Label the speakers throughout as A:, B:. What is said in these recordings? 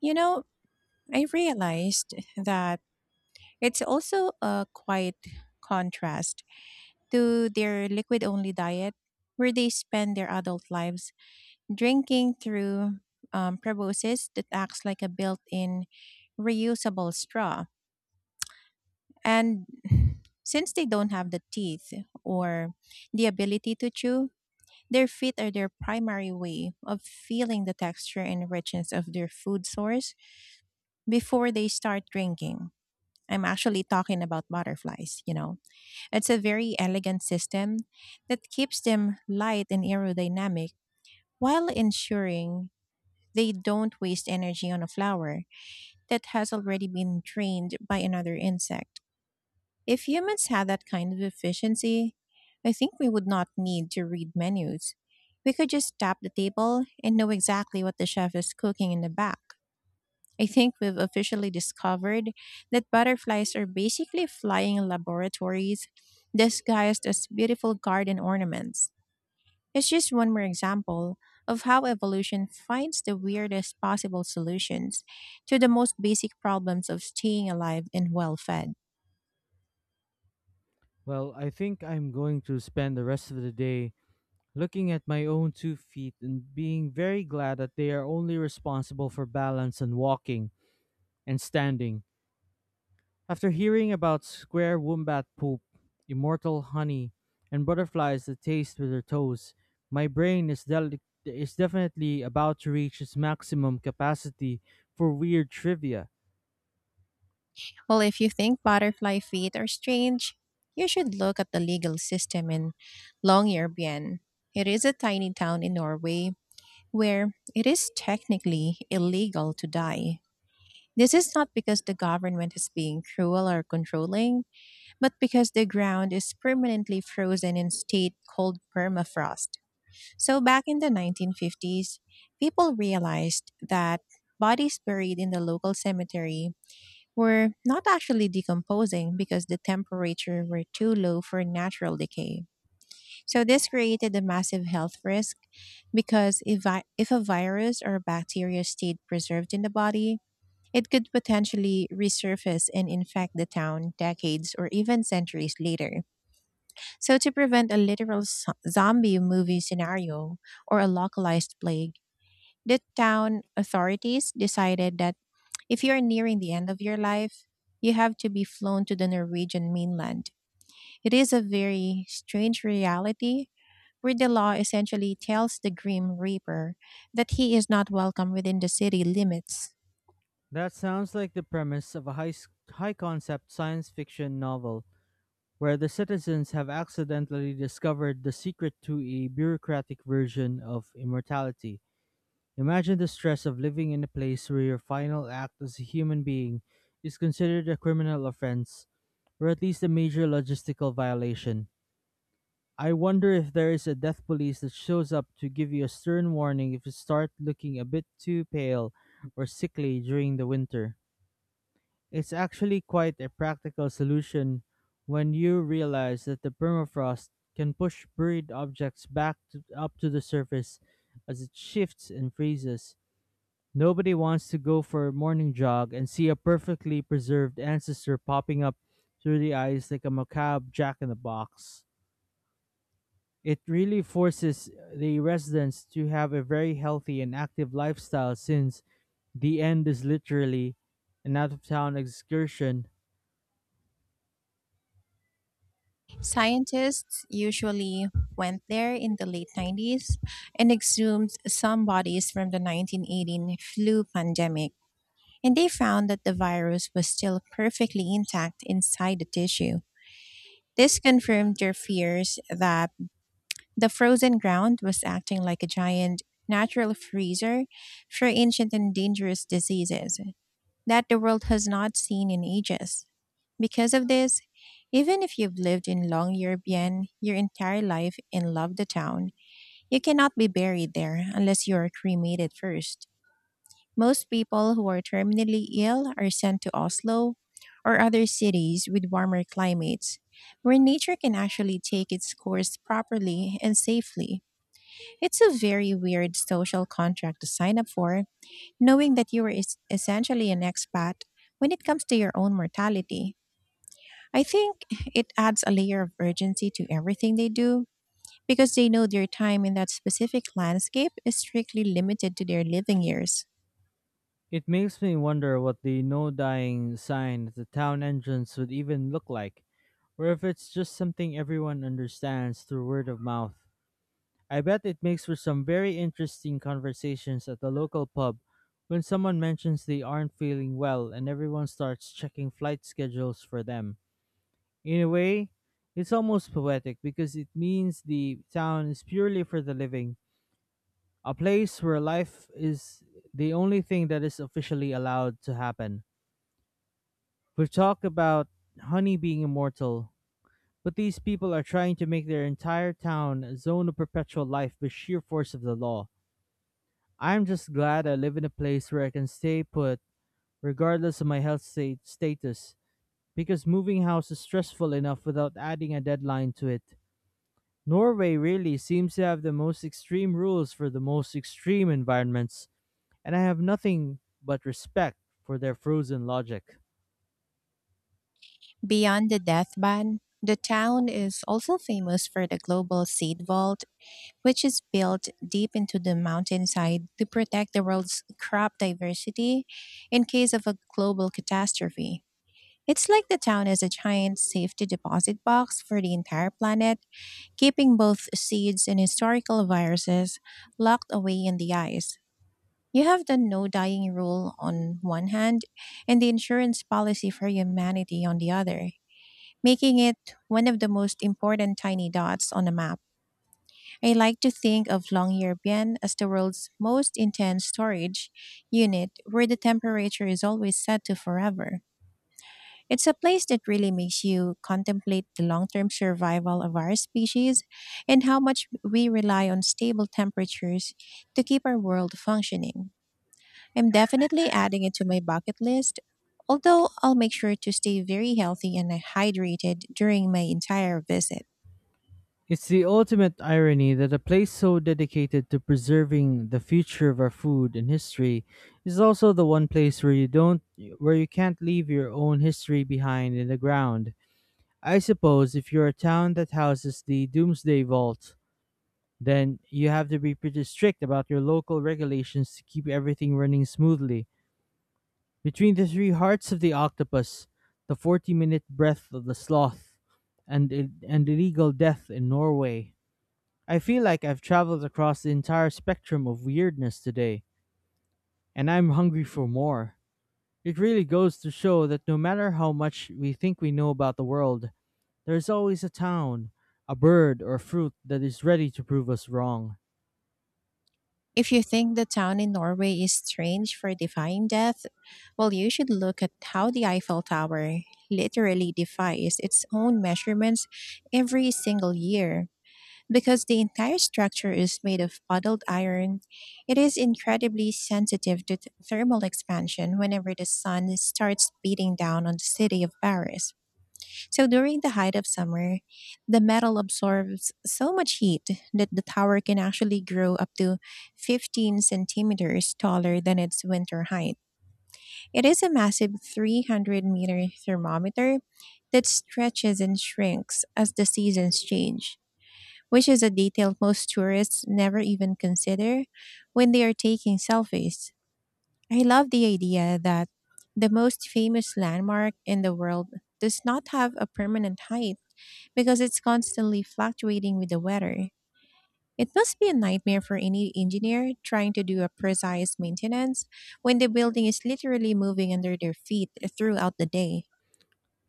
A: You know, I realized that it's also a quite contrast to their liquid only diet, where they spend their adult lives drinking through probiosis that acts like a built in reusable straw. And since they don't have the teeth or the ability to chew, their feet are their primary way of feeling the texture and richness of their food source before they start drinking. I'm actually talking about butterflies, you know. It's a very elegant system that keeps them light and aerodynamic while ensuring they don't waste energy on a flower that has already been drained by another insect. If humans had that kind of efficiency, I think we would not need to read menus. We could just tap the table and know exactly what the chef is cooking in the back. I think we've officially discovered that butterflies are basically flying laboratories disguised as beautiful garden ornaments. It's just one more example of how evolution finds the weirdest possible solutions to the most basic problems of staying alive and well fed.
B: Well, I think I'm going to spend the rest of the day looking at my own two feet and being very glad that they are only responsible for balance and walking and standing. After hearing about square wombat poop, immortal honey, and butterflies that taste with their toes, my brain is definitely about to reach its maximum capacity for weird trivia.
A: Well, if you think butterfly feet are strange, you should look at the legal system in Longyearbyen. It is a tiny town in Norway where it is technically illegal to die. This is not because the government is being cruel or controlling, but because the ground is permanently frozen in state called permafrost. So back in the 1950s, people realized that bodies buried in the local cemetery were not actually decomposing because the temperature were too low for natural decay. So this created a massive health risk because if a virus or bacteria stayed preserved in the body, it could potentially resurface and infect the town decades or even centuries later. So, to prevent a literal zombie movie scenario or a localized plague, the town authorities decided that if you're nearing the end of your life, you have to be flown to the Norwegian mainland. It is a very strange reality where the law essentially tells the Grim Reaper that he is not welcome within the city limits.
B: That sounds like the premise of a high concept science fiction novel where the citizens have accidentally discovered the secret to a bureaucratic version of immortality. Imagine the stress of living in a place where your final act as a human being is considered a criminal offense, or at least a major logistical violation. I wonder if there is a death police that shows up to give you a stern warning if you start looking a bit too pale or sickly during the winter. It's actually quite a practical solution when you realize that the permafrost can push buried objects up to the surface as it shifts and freezes. Nobody wants to go for a morning jog and see a perfectly preserved ancestor popping up through the ice like a macabre jack in the box. It really forces the residents to have a very healthy and active lifestyle, since the end is literally an out of town excursion.
A: Scientists usually went there in the late 90s and exhumed some bodies from the 1918 flu pandemic, and they found that the virus was still perfectly intact inside the tissue. This confirmed their fears that the frozen ground was acting like a giant natural freezer for ancient and dangerous diseases. That the world has not seen in ages. Because of this, even if you've lived in Long Yearbyen your entire life and loved the town, you cannot be buried there unless you are cremated first. Most people who are terminally ill are sent to Oslo or other cities with warmer climates, where nature can actually take its course properly and safely. It's a very weird social contract to sign up for, knowing that you are essentially an expat when it comes to your own mortality. I think it adds a layer of urgency to everything they do because they know their time in that specific landscape is strictly limited to their living years.
B: It makes me wonder what the no dying sign at the town entrance would even look like, or if it's just something everyone understands through word of mouth. I bet it makes for some very interesting conversations at the local pub when someone mentions they aren't feeling well and everyone starts checking flight schedules for them. In a way, it's almost poetic, because it means the town is purely for the living, a place where life is the only thing that is officially allowed to happen. We've talked about honey being immortal, but these people are trying to make their entire town a zone of perpetual life by sheer force of the law. I'm just glad I live in a place where I can stay put, regardless of my health state status, because moving house is stressful enough without adding a deadline to it. Norway really seems to have the most extreme rules for the most extreme environments, and I have nothing but respect for their frozen logic.
A: Beyond the death ban, the town is also famous for the global seed vault, which is built deep into the mountainside to protect the world's crop diversity in case of a global catastrophe. It's like the town is a giant safety deposit box for the entire planet, keeping both seeds and historical viruses locked away in the ice. You have the no dying rule on one hand and the insurance policy for humanity on the other, making it one of the most important tiny dots on a map. I like to think of Longyearbyen as the world's most intense storage unit where the temperature is always set to forever. It's a place that really makes you contemplate the long term survival of our species and how much we rely on stable temperatures to keep our world functioning. I'm definitely adding it to my bucket list, although I'll make sure to stay very healthy and hydrated during my entire visit.
B: It's the ultimate irony that a place so dedicated to preserving the future of our food and history is also the one place where you don't, where you can't leave your own history behind in the ground. I suppose if you're a town that houses the Doomsday Vault, then you have to be pretty strict about your local regulations to keep everything running smoothly. Between the three hearts of the octopus, the 40-minute breath of the sloth, and and illegal death in Norway. I feel like I've traveled across the entire spectrum of weirdness today, and I'm hungry for more. It really goes to show that no matter how much we think we know about the world, there's always a town, a bird, or fruit that is ready to prove us wrong.
A: If you think the town in Norway is strange for defying death, well, you should look at how the Eiffel Tower literally defies its own measurements every single year. Because the entire structure is made of puddled iron, it is incredibly sensitive to thermal expansion whenever the sun starts beating down on the city of Paris. So during the height of summer, the metal absorbs so much heat that the tower can actually grow up to 15 cm centimeters taller than its winter height. It is a massive 300 m meter thermometer that stretches and shrinks as the seasons change, which is a detail most tourists never even consider when they are taking selfies. I love the idea that the most famous landmark in the world does not have a permanent height because it's constantly fluctuating with the weather. It must be a nightmare for any engineer trying to do a precise maintenance when the building is literally moving under their feet throughout the day.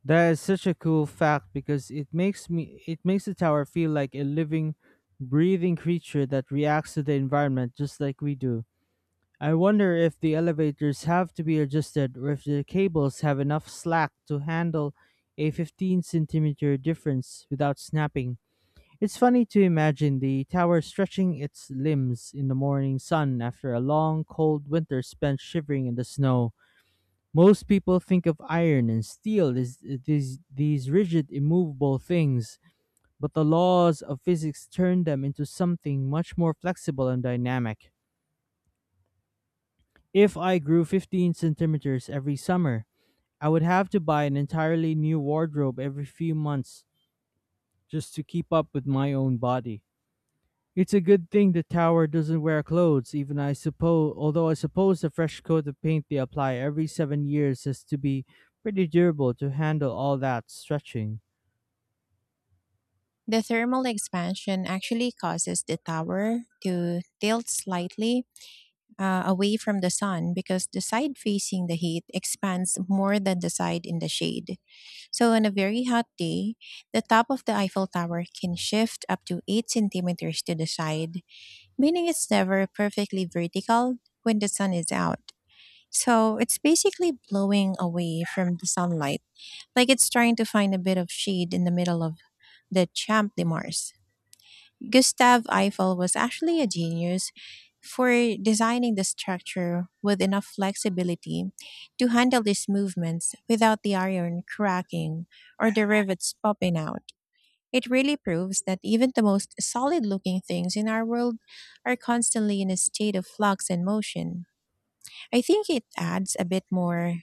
B: That is such a cool fact, because it makes the tower feel like a living, breathing creature that reacts to the environment just like we do. I wonder if the elevators have to be adjusted, or if the cables have enough slack to handle a 15 centimeter difference without snapping. It's funny to imagine the tower stretching its limbs in the morning sun after a long, cold winter spent shivering in the snow. Most people think of iron and steel as these rigid, immovable things, but the laws of physics turn them into something much more flexible and dynamic. If I grew 15 centimeters every summer, I would have to buy an entirely new wardrobe every few months just to keep up with my own body. It's a good thing the tower doesn't wear clothes, even, I suppose, although I suppose the fresh coat of paint they apply every 7 years has to be pretty durable to handle all that stretching.
A: The thermal expansion actually causes the tower to tilt slightly away from the sun because the side facing the heat expands more than the side in the shade. So, on a very hot day, the top of the Eiffel Tower can shift up to 8 cm centimeters to the side, meaning it's never perfectly vertical when the sun is out. So, it's basically blowing away from the sunlight, like it's trying to find a bit of shade in the middle of the Champ de Mars. Gustave Eiffel was actually a genius for designing the structure with enough flexibility to handle these movements without the iron cracking or the rivets popping out. It really proves that even the most solid looking things in our world are constantly in a state of flux and motion. I think it adds a bit more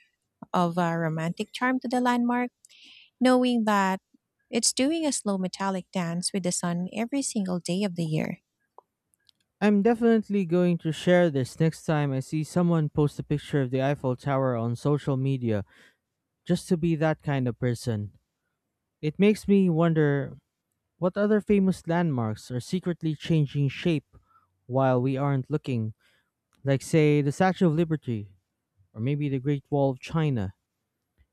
A: of a romantic charm to the landmark, knowing that it's doing a slow metallic dance with the sun every single day of the year.
B: I'm definitely going to share this next time I see someone post a picture of the Eiffel Tower on social media, just to be that kind of person. It makes me wonder, what other famous landmarks are secretly changing shape while we aren't looking? Like, say, the Statue of Liberty, or maybe the Great Wall of China.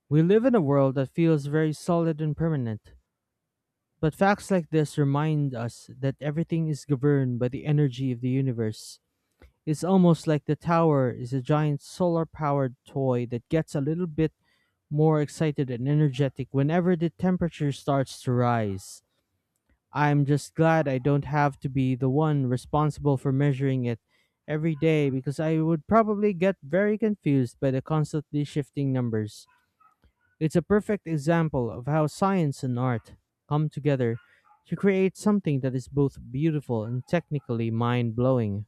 B: We live in a world that feels very solid and permanent, but facts like this remind us that everything is governed by the energy of the universe. It's almost like the tower is a giant solar powered toy that gets a little bit more excited and energetic whenever the temperature starts to rise. I'm just glad I don't have to be the one responsible for measuring it every day, because I would probably get very confused by the constantly shifting numbers. It's a perfect example of how science and art come together to create something that is both beautiful and technically mind blowing.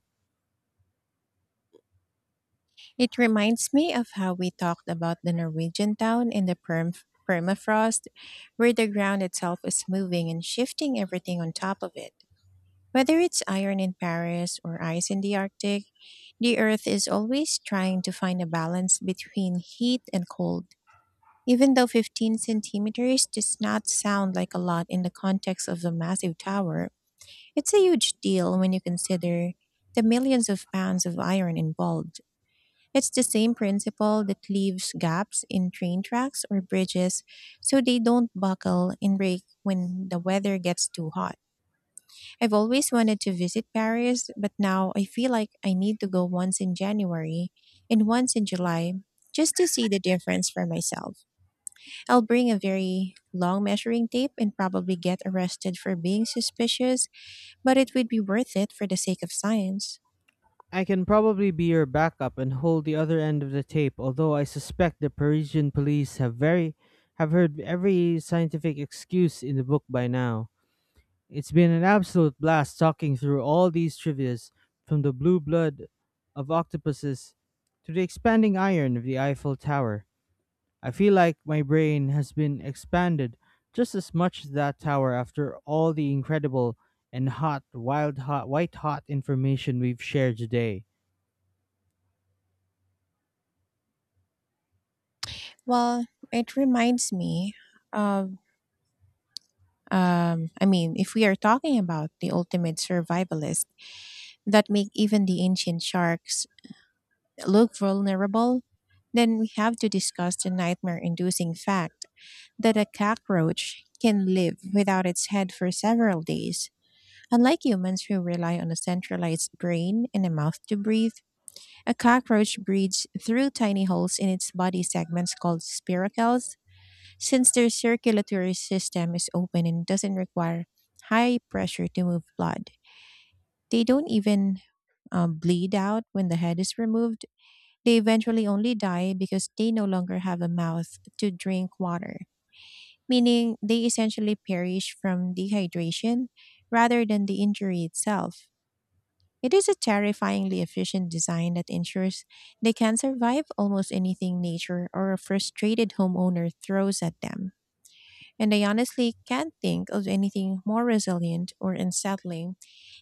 A: It reminds me of how we talked about the Norwegian town in the permafrost, where the ground itself is moving and shifting everything on top of it. Whether it's iron in Paris or ice in the Arctic, the Earth is always trying to find a balance between heat and cold. Even though 15 cm centimeters does not sound like a lot in the context of a massive tower, it's a huge deal when you consider the millions of pounds of iron involved. It's the same principle that leaves gaps in train tracks or bridges so they don't buckle and break when the weather gets too hot. I've always wanted to visit Paris, but now I feel like I need to go once in January and once in July just to see the difference for myself. I'll bring a very long measuring tape and probably get arrested for being suspicious, but it would be worth it for the sake of science.
B: I can probably be your backup and hold the other end of the tape, although I suspect the Parisian police have very have heard every scientific excuse in the book by now. It's been an absolute blast talking through all these trivias, from the blue blood of octopuses to the expanding iron of the Eiffel Tower. I feel like my brain has been expanded just as much as that tower after all the incredible and hot, wild, hot, white hot information we've shared today.
A: Well, it reminds me of I mean, if we are talking about the ultimate survivalists that make even the ancient sharks look vulnerable, then we have to discuss the nightmare inducing fact that a cockroach can live without its head for several days. Unlike humans who rely on a centralized brain and a mouth to breathe, a cockroach breathes through tiny holes in its body segments called spiracles since their circulatory system is open and doesn't require high pressure to move blood. They don't even bleed out when the head is removed. They eventually only die because they no longer have a mouth to drink water, meaning they essentially perish from dehydration rather than the injury itself. It is a terrifyingly efficient design that ensures they can survive almost anything nature or a frustrated homeowner throws at them. And I honestly can't think of anything more resilient or unsettling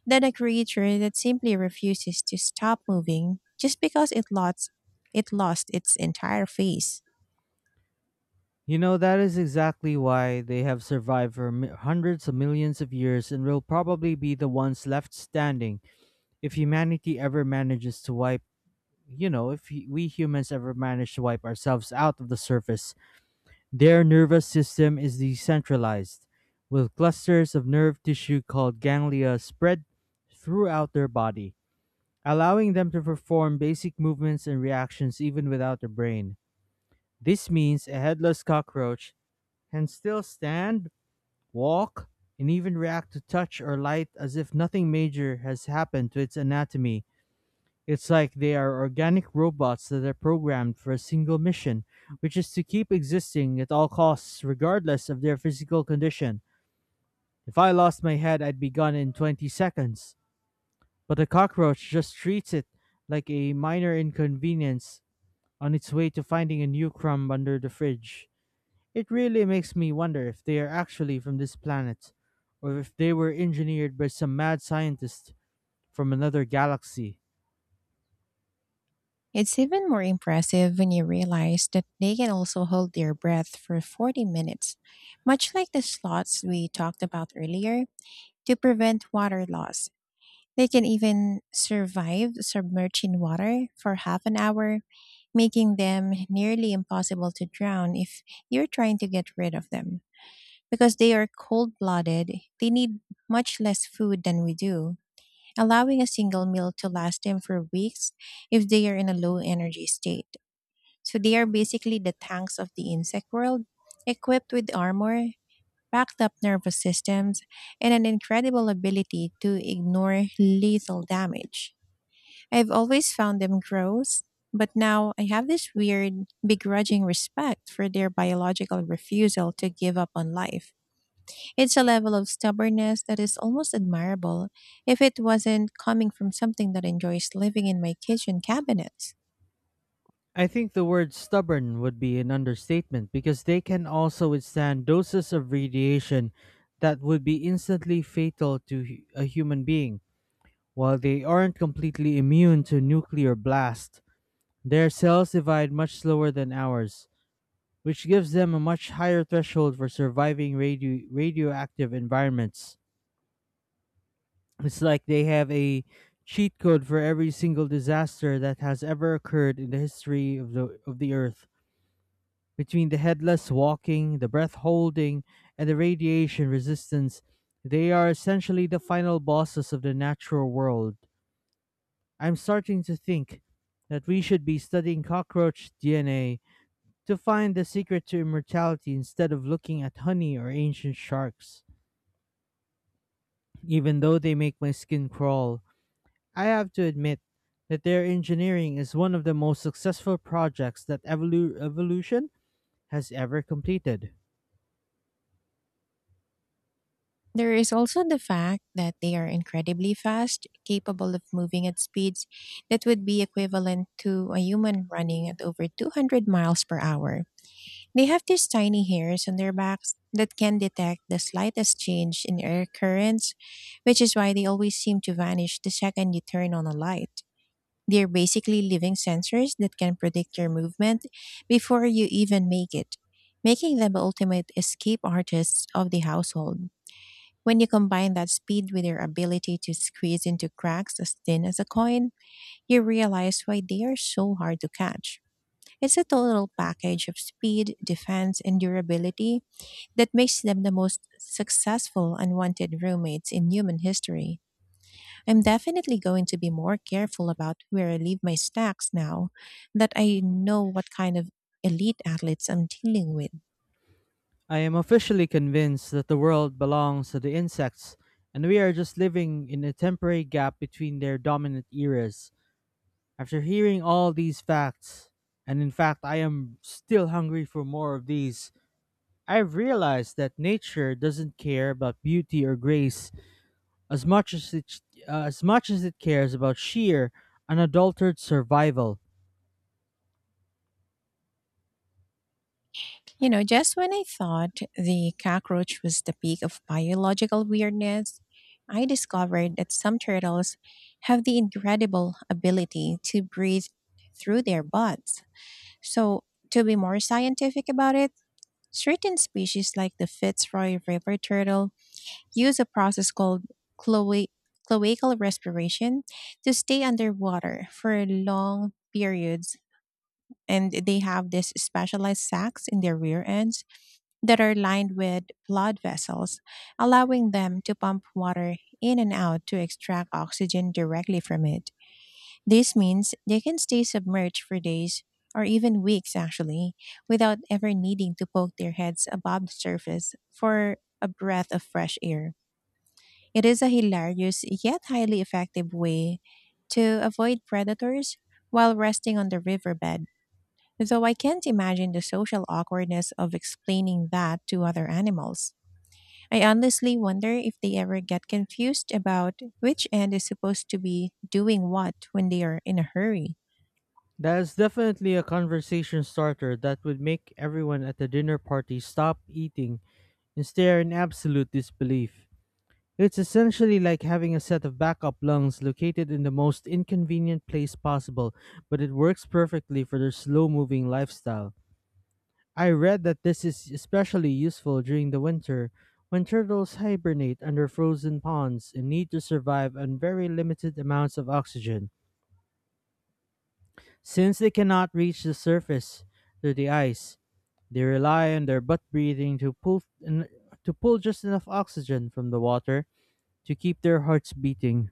A: than a creature that simply refuses to stop moving just because it lost its entire face.
B: You know, that is exactly why they have survived for hundreds of millions of years and will probably be the ones left standing if humanity ever manages to wipe. If we humans ever manage to wipe ourselves out of the surface, their nervous system is decentralized, with clusters of nerve tissue called ganglia spread throughout their body, allowing them to perform basic movements and reactions even without the brain. This means a headless cockroach can still stand, walk, and even react to touch or light as if nothing major has happened to its anatomy. It's like they are organic robots that are programmed for a single mission, which is to keep existing at all costs, regardless of their physical condition. If I lost my head, I'd be gone in 20 seconds. But a cockroach just treats it like a minor inconvenience on its way to finding a new crumb under the fridge. It really makes me wonder if they are actually from this planet, or if they were engineered by some mad scientist from another galaxy.
A: It's even more impressive when you realize that they can also hold their breath for 40 minutes, much like the sloths we talked about earlier, to prevent water loss. They can even survive submerged in water for half an hour, making them nearly impossible to drown if you're trying to get rid of them. Because they are cold blooded, they need much less food than we do, allowing a single meal to last them for weeks if they are in a low energy state. So they are basically the tanks of the insect world, equipped with armor, backed up nervous systems, and an incredible ability to ignore lethal damage. I've always found them gross, but now I have this weird, begrudging respect for their biological refusal to give up on life. It's a level of stubbornness that is almost admirable if it wasn't coming from something that enjoys living in my kitchen cabinets.
B: I think the word stubborn would be an understatement, because they can also withstand doses of radiation that would be instantly fatal to a human being. While they aren't completely immune to nuclear blast, their cells divide much slower than ours, which gives them a much higher threshold for surviving radioactive environments. It's like they have a cheat code for every single disaster that has ever occurred in the history of the earth. Between the headless walking, the breath holding, and the radiation resistance, they are essentially the final bosses of the natural world. I'm starting to think that we should be studying cockroach DNA to find the secret to immortality instead of looking at honey or ancient sharks. Even though they make my skin crawl, I have to admit that their engineering is one of the most successful projects that evolution has ever completed.
A: There is also the fact that they are incredibly fast, capable of moving at speeds that would be equivalent to a human running at over 200 miles per hour. They have these tiny hairs on their backs that can detect the slightest change in air currents, which is why they always seem to vanish the second you turn on a light. They're basically living sensors that can predict your movement before you even make it, making them ultimate escape artists of the household. When you combine that speed with their ability to squeeze into cracks as thin as a coin, you realize why they are so hard to catch. It's a total package of speed, defense, and durability that makes them the most successful unwanted roommates in human history. I'm definitely going to be more careful about where I leave my snacks now that I know what kind of elite athletes I'm dealing with.
B: I am officially convinced that the world belongs to the insects, and we are just living in a temporary gap between their dominant eras. After hearing all these facts, and in fact, I am still hungry for more of these, I've realized that nature doesn't care about beauty or grace as much as it, as much as it cares about sheer, unadulterated survival.
A: You know, just when I thought the cockroach was the peak of biological weirdness, I discovered that some turtles have the incredible ability to breathe through their butts. So, to be more scientific about it, certain species like the Fitzroy river turtle use a process called cloa- cloacal respiration to stay underwater for long periods. And they have these specialized sacs in their rear ends that are lined with blood vessels, allowing them to pump water in and out to extract oxygen directly from it. This means they can stay submerged for days or even weeks actually without ever needing to poke their heads above the surface for a breath of fresh air. It is a hilarious yet highly effective way to avoid predators while resting on the riverbed, though I can't imagine the social awkwardness of explaining that to other animals. I honestly wonder if they ever get confused about which end is supposed to be doing what when they are in a hurry.
B: That is definitely a conversation starter that would make everyone at the dinner party stop eating and stare in absolute disbelief. It's essentially like having a set of backup lungs located in the most inconvenient place possible, but it works perfectly for their slow moving lifestyle. I read that this is especially useful during the winter, when turtles hibernate under frozen ponds and need to survive on very limited amounts of oxygen. Since they cannot reach the surface through the ice, they rely on their butt breathing to pull just enough oxygen from the water to keep their hearts beating.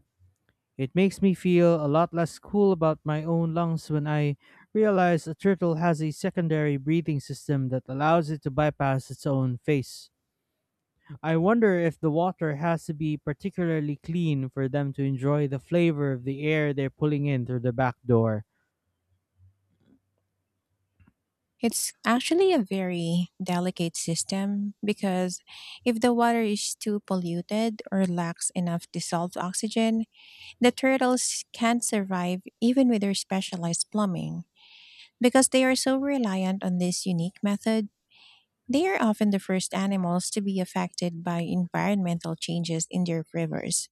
B: It makes me feel a lot less cool about my own lungs when I realize a turtle has a secondary breathing system that allows it to bypass its own face. I wonder if the water has to be particularly clean for them to enjoy the flavor of the air they're pulling in through the back door.
A: It's actually a very delicate system because if the water is too polluted or lacks enough dissolved oxygen, the turtles can't survive even with their specialized plumbing. Because they are so reliant on this unique method, they are often the first animals to be affected by environmental changes in their rivers.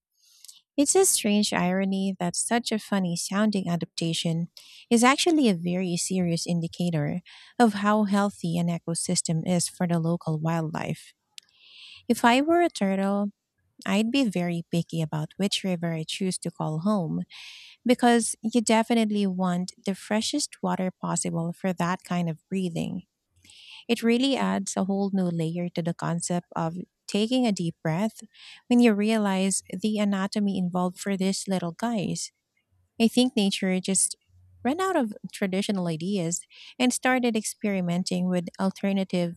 A: It's a strange irony that such a funny sounding adaptation is actually a very serious indicator of how healthy an ecosystem is for the local wildlife. If I were a turtle, I'd be very picky about which river I choose to call home because you definitely want the freshest water possible for that kind of breathing. It really adds a whole new layer to the concept of taking a deep breath when you realize the anatomy involved for these little guys. I think nature just ran out of traditional ideas and started experimenting with alternative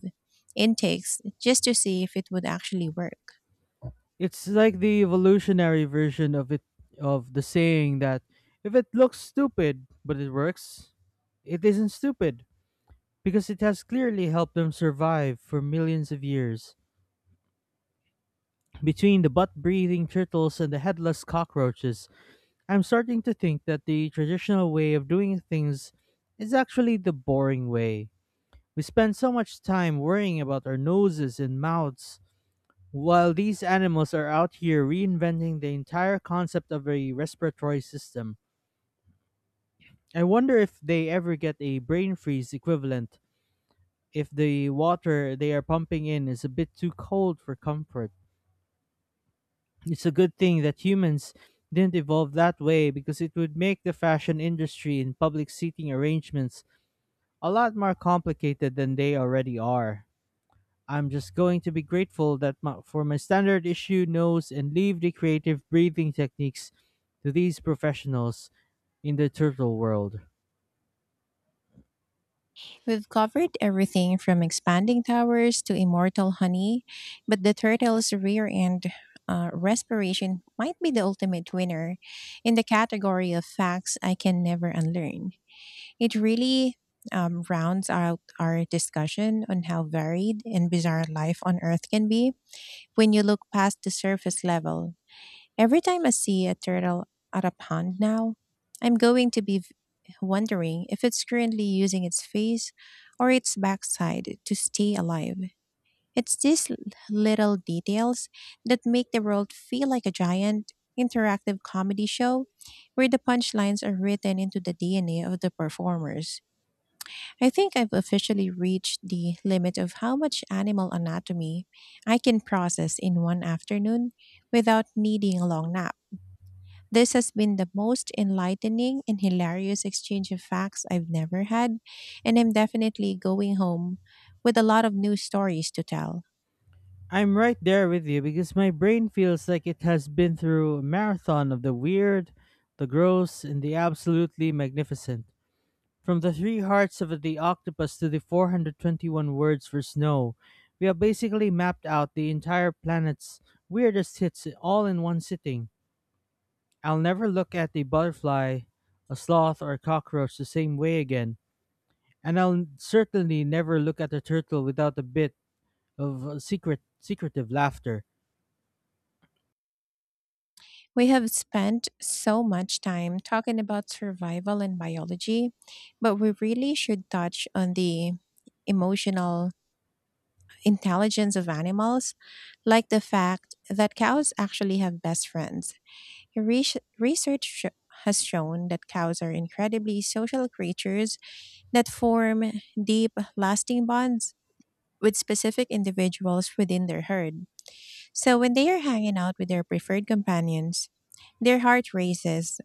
A: intakes just to see if it would actually work.
B: It's like the evolutionary version of it of the saying that if it looks stupid but it works, it isn't stupid, because it has clearly helped them survive for millions of years. Between the butt breathing turtles and the headless cockroaches, I'm starting to think that the traditional way of doing things is actually the boring way. We spend so much time worrying about our noses and mouths, while these animals are out here reinventing the entire concept of a respiratory system. I wonder if they ever get a brain freeze equivalent if the water they are pumping in is a bit too cold for comfort. It's a good thing that humans didn't evolve that way, because it would make the fashion industry and public seating arrangements a lot more complicated than they already are. I'm just going to be grateful for my standard issue nose, and leave the creative breathing techniques to these professionals in the turtle world.
A: We've covered everything from expanding towers to immortal honey, but the turtle's rear end respiration might be the ultimate winner in the category of facts I can never unlearn. It really rounds out our discussion on how varied and bizarre life on Earth can be when you look past the surface level. Every time I see a turtle at a pond now, I'm going to be wondering if it's currently using its face or its backside to stay alive. It's these little details that make the world feel like a giant interactive comedy show where the punchlines are written into the DNA of the performers. I think I've officially reached the limit of how much animal anatomy I can process in one afternoon without needing a long nap. This has been the most enlightening and hilarious exchange of facts I've never had, and I'm definitely going home with a lot of new stories to tell.
B: I'm right there with you, because my brain feels like it has been through a marathon of the weird, the gross, and the absolutely magnificent. From the three hearts of the octopus to the 421 words for snow, we have basically mapped out the entire planet's weirdest hits all in one sitting. I'll never look at a butterfly, a sloth, or a cockroach the same way again, and I'll certainly never look at a turtle without a bit of secretive laughter.
A: We have spent so much time talking about survival and biology, but we really should touch on the emotional intelligence of animals, like the fact that cows actually have best friends. Research has shown that cows are incredibly social creatures that form deep, lasting bonds with specific individuals within their herd. So when they are hanging out with their preferred companions, their heart races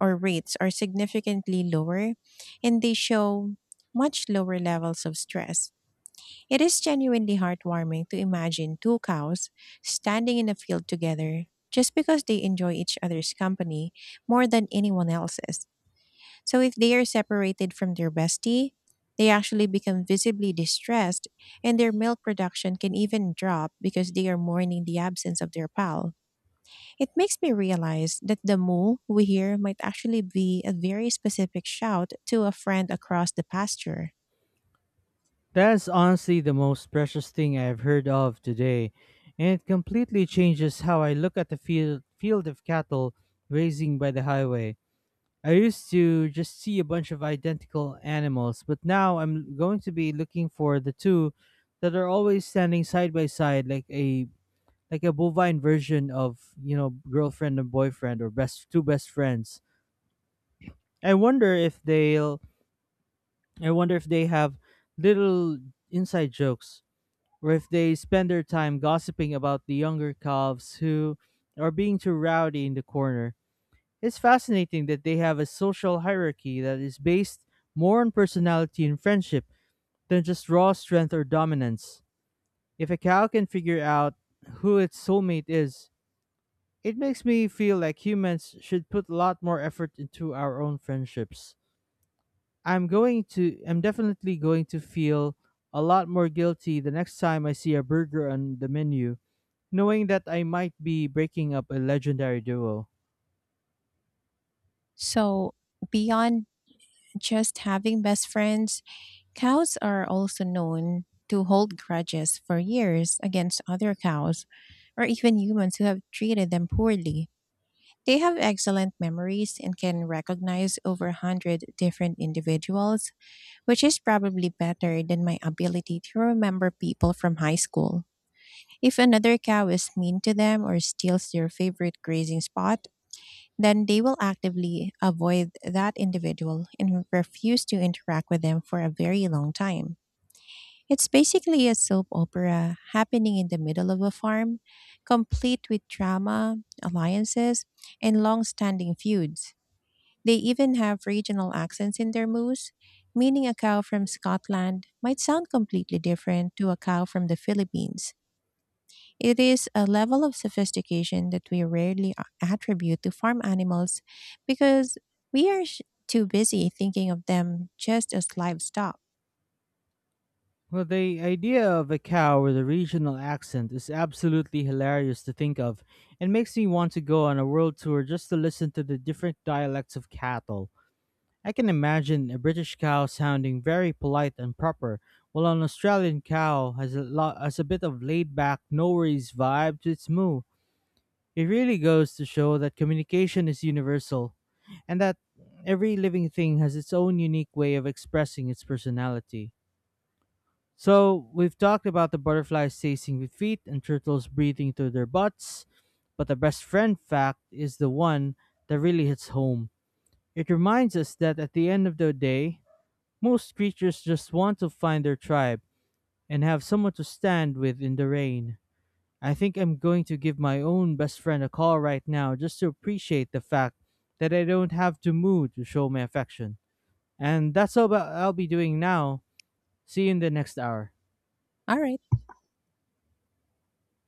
A: or rates are significantly lower and they show much lower levels of stress. It is genuinely heartwarming to imagine two cows standing in a field together just because they enjoy each other's company more than anyone else's. So, if they are separated from their bestie, they actually become visibly distressed and their milk production can even drop because they are mourning the absence of their pal. It makes me realize that the moo we hear might actually be a very specific shout to a friend across the pasture.
B: That is honestly the most precious thing I have heard of today, and it completely changes how I look at the field of cattle grazing by the highway. I used to just see a bunch of identical animals, but now I'm going to be looking for the two that are always standing side by side, like a bovine version of girlfriend and boyfriend, or best two best friends. I wonder if they'll I wonder if they have little inside jokes, or if they spend their time gossiping about the younger calves who are being too rowdy in the corner. It's fascinating that they have a social hierarchy that is based more on personality and friendship than just raw strength or dominance. If a cow can figure out who its soulmate is, it makes me feel like humans should put a lot more effort into our own friendships. I'm definitely going to feel a lot more guilty the next time I see a burger on the menu, knowing that I might be breaking up a legendary duo.
A: So, beyond just having best friends, cows are also known to hold grudges for years against other cows or even humans who have treated them poorly. They have excellent memories and can recognize over 100 different individuals, which is probably better than my ability to remember people from high school. If another cow is mean to them or steals their favorite grazing spot, then they will actively avoid that individual and refuse to interact with them for a very long time. It's basically a soap opera happening in the middle of a farm, complete with drama, alliances, and long standing feuds. They even have regional accents in their moose, meaning a cow from Scotland might sound completely different to a cow from the Philippines. It is a level of sophistication that we rarely attribute to farm animals because we are too busy thinking of them just as livestock.
B: Well, the idea of a cow with a regional accent is absolutely hilarious to think of, and makes me want to go on a world tour just to listen to the different dialects of cattle. I can imagine a British cow sounding very polite and proper, while an Australian cow has a bit of laid back, no worries vibe to its moo. It really goes to show that communication is universal, and that every living thing has its own unique way of expressing its personality. So we've talked about the butterflies tasting with feet and turtles breathing through their butts, but the best friend fact is the one that really hits home. It reminds us that at the end of the day, most creatures just want to find their tribe and have someone to stand with in the rain. I think I'm going to give my own best friend a call right now just to appreciate the fact that I don't have to move to show my affection. And that's all about I'll be doing now. See you in the next hour.
A: All right.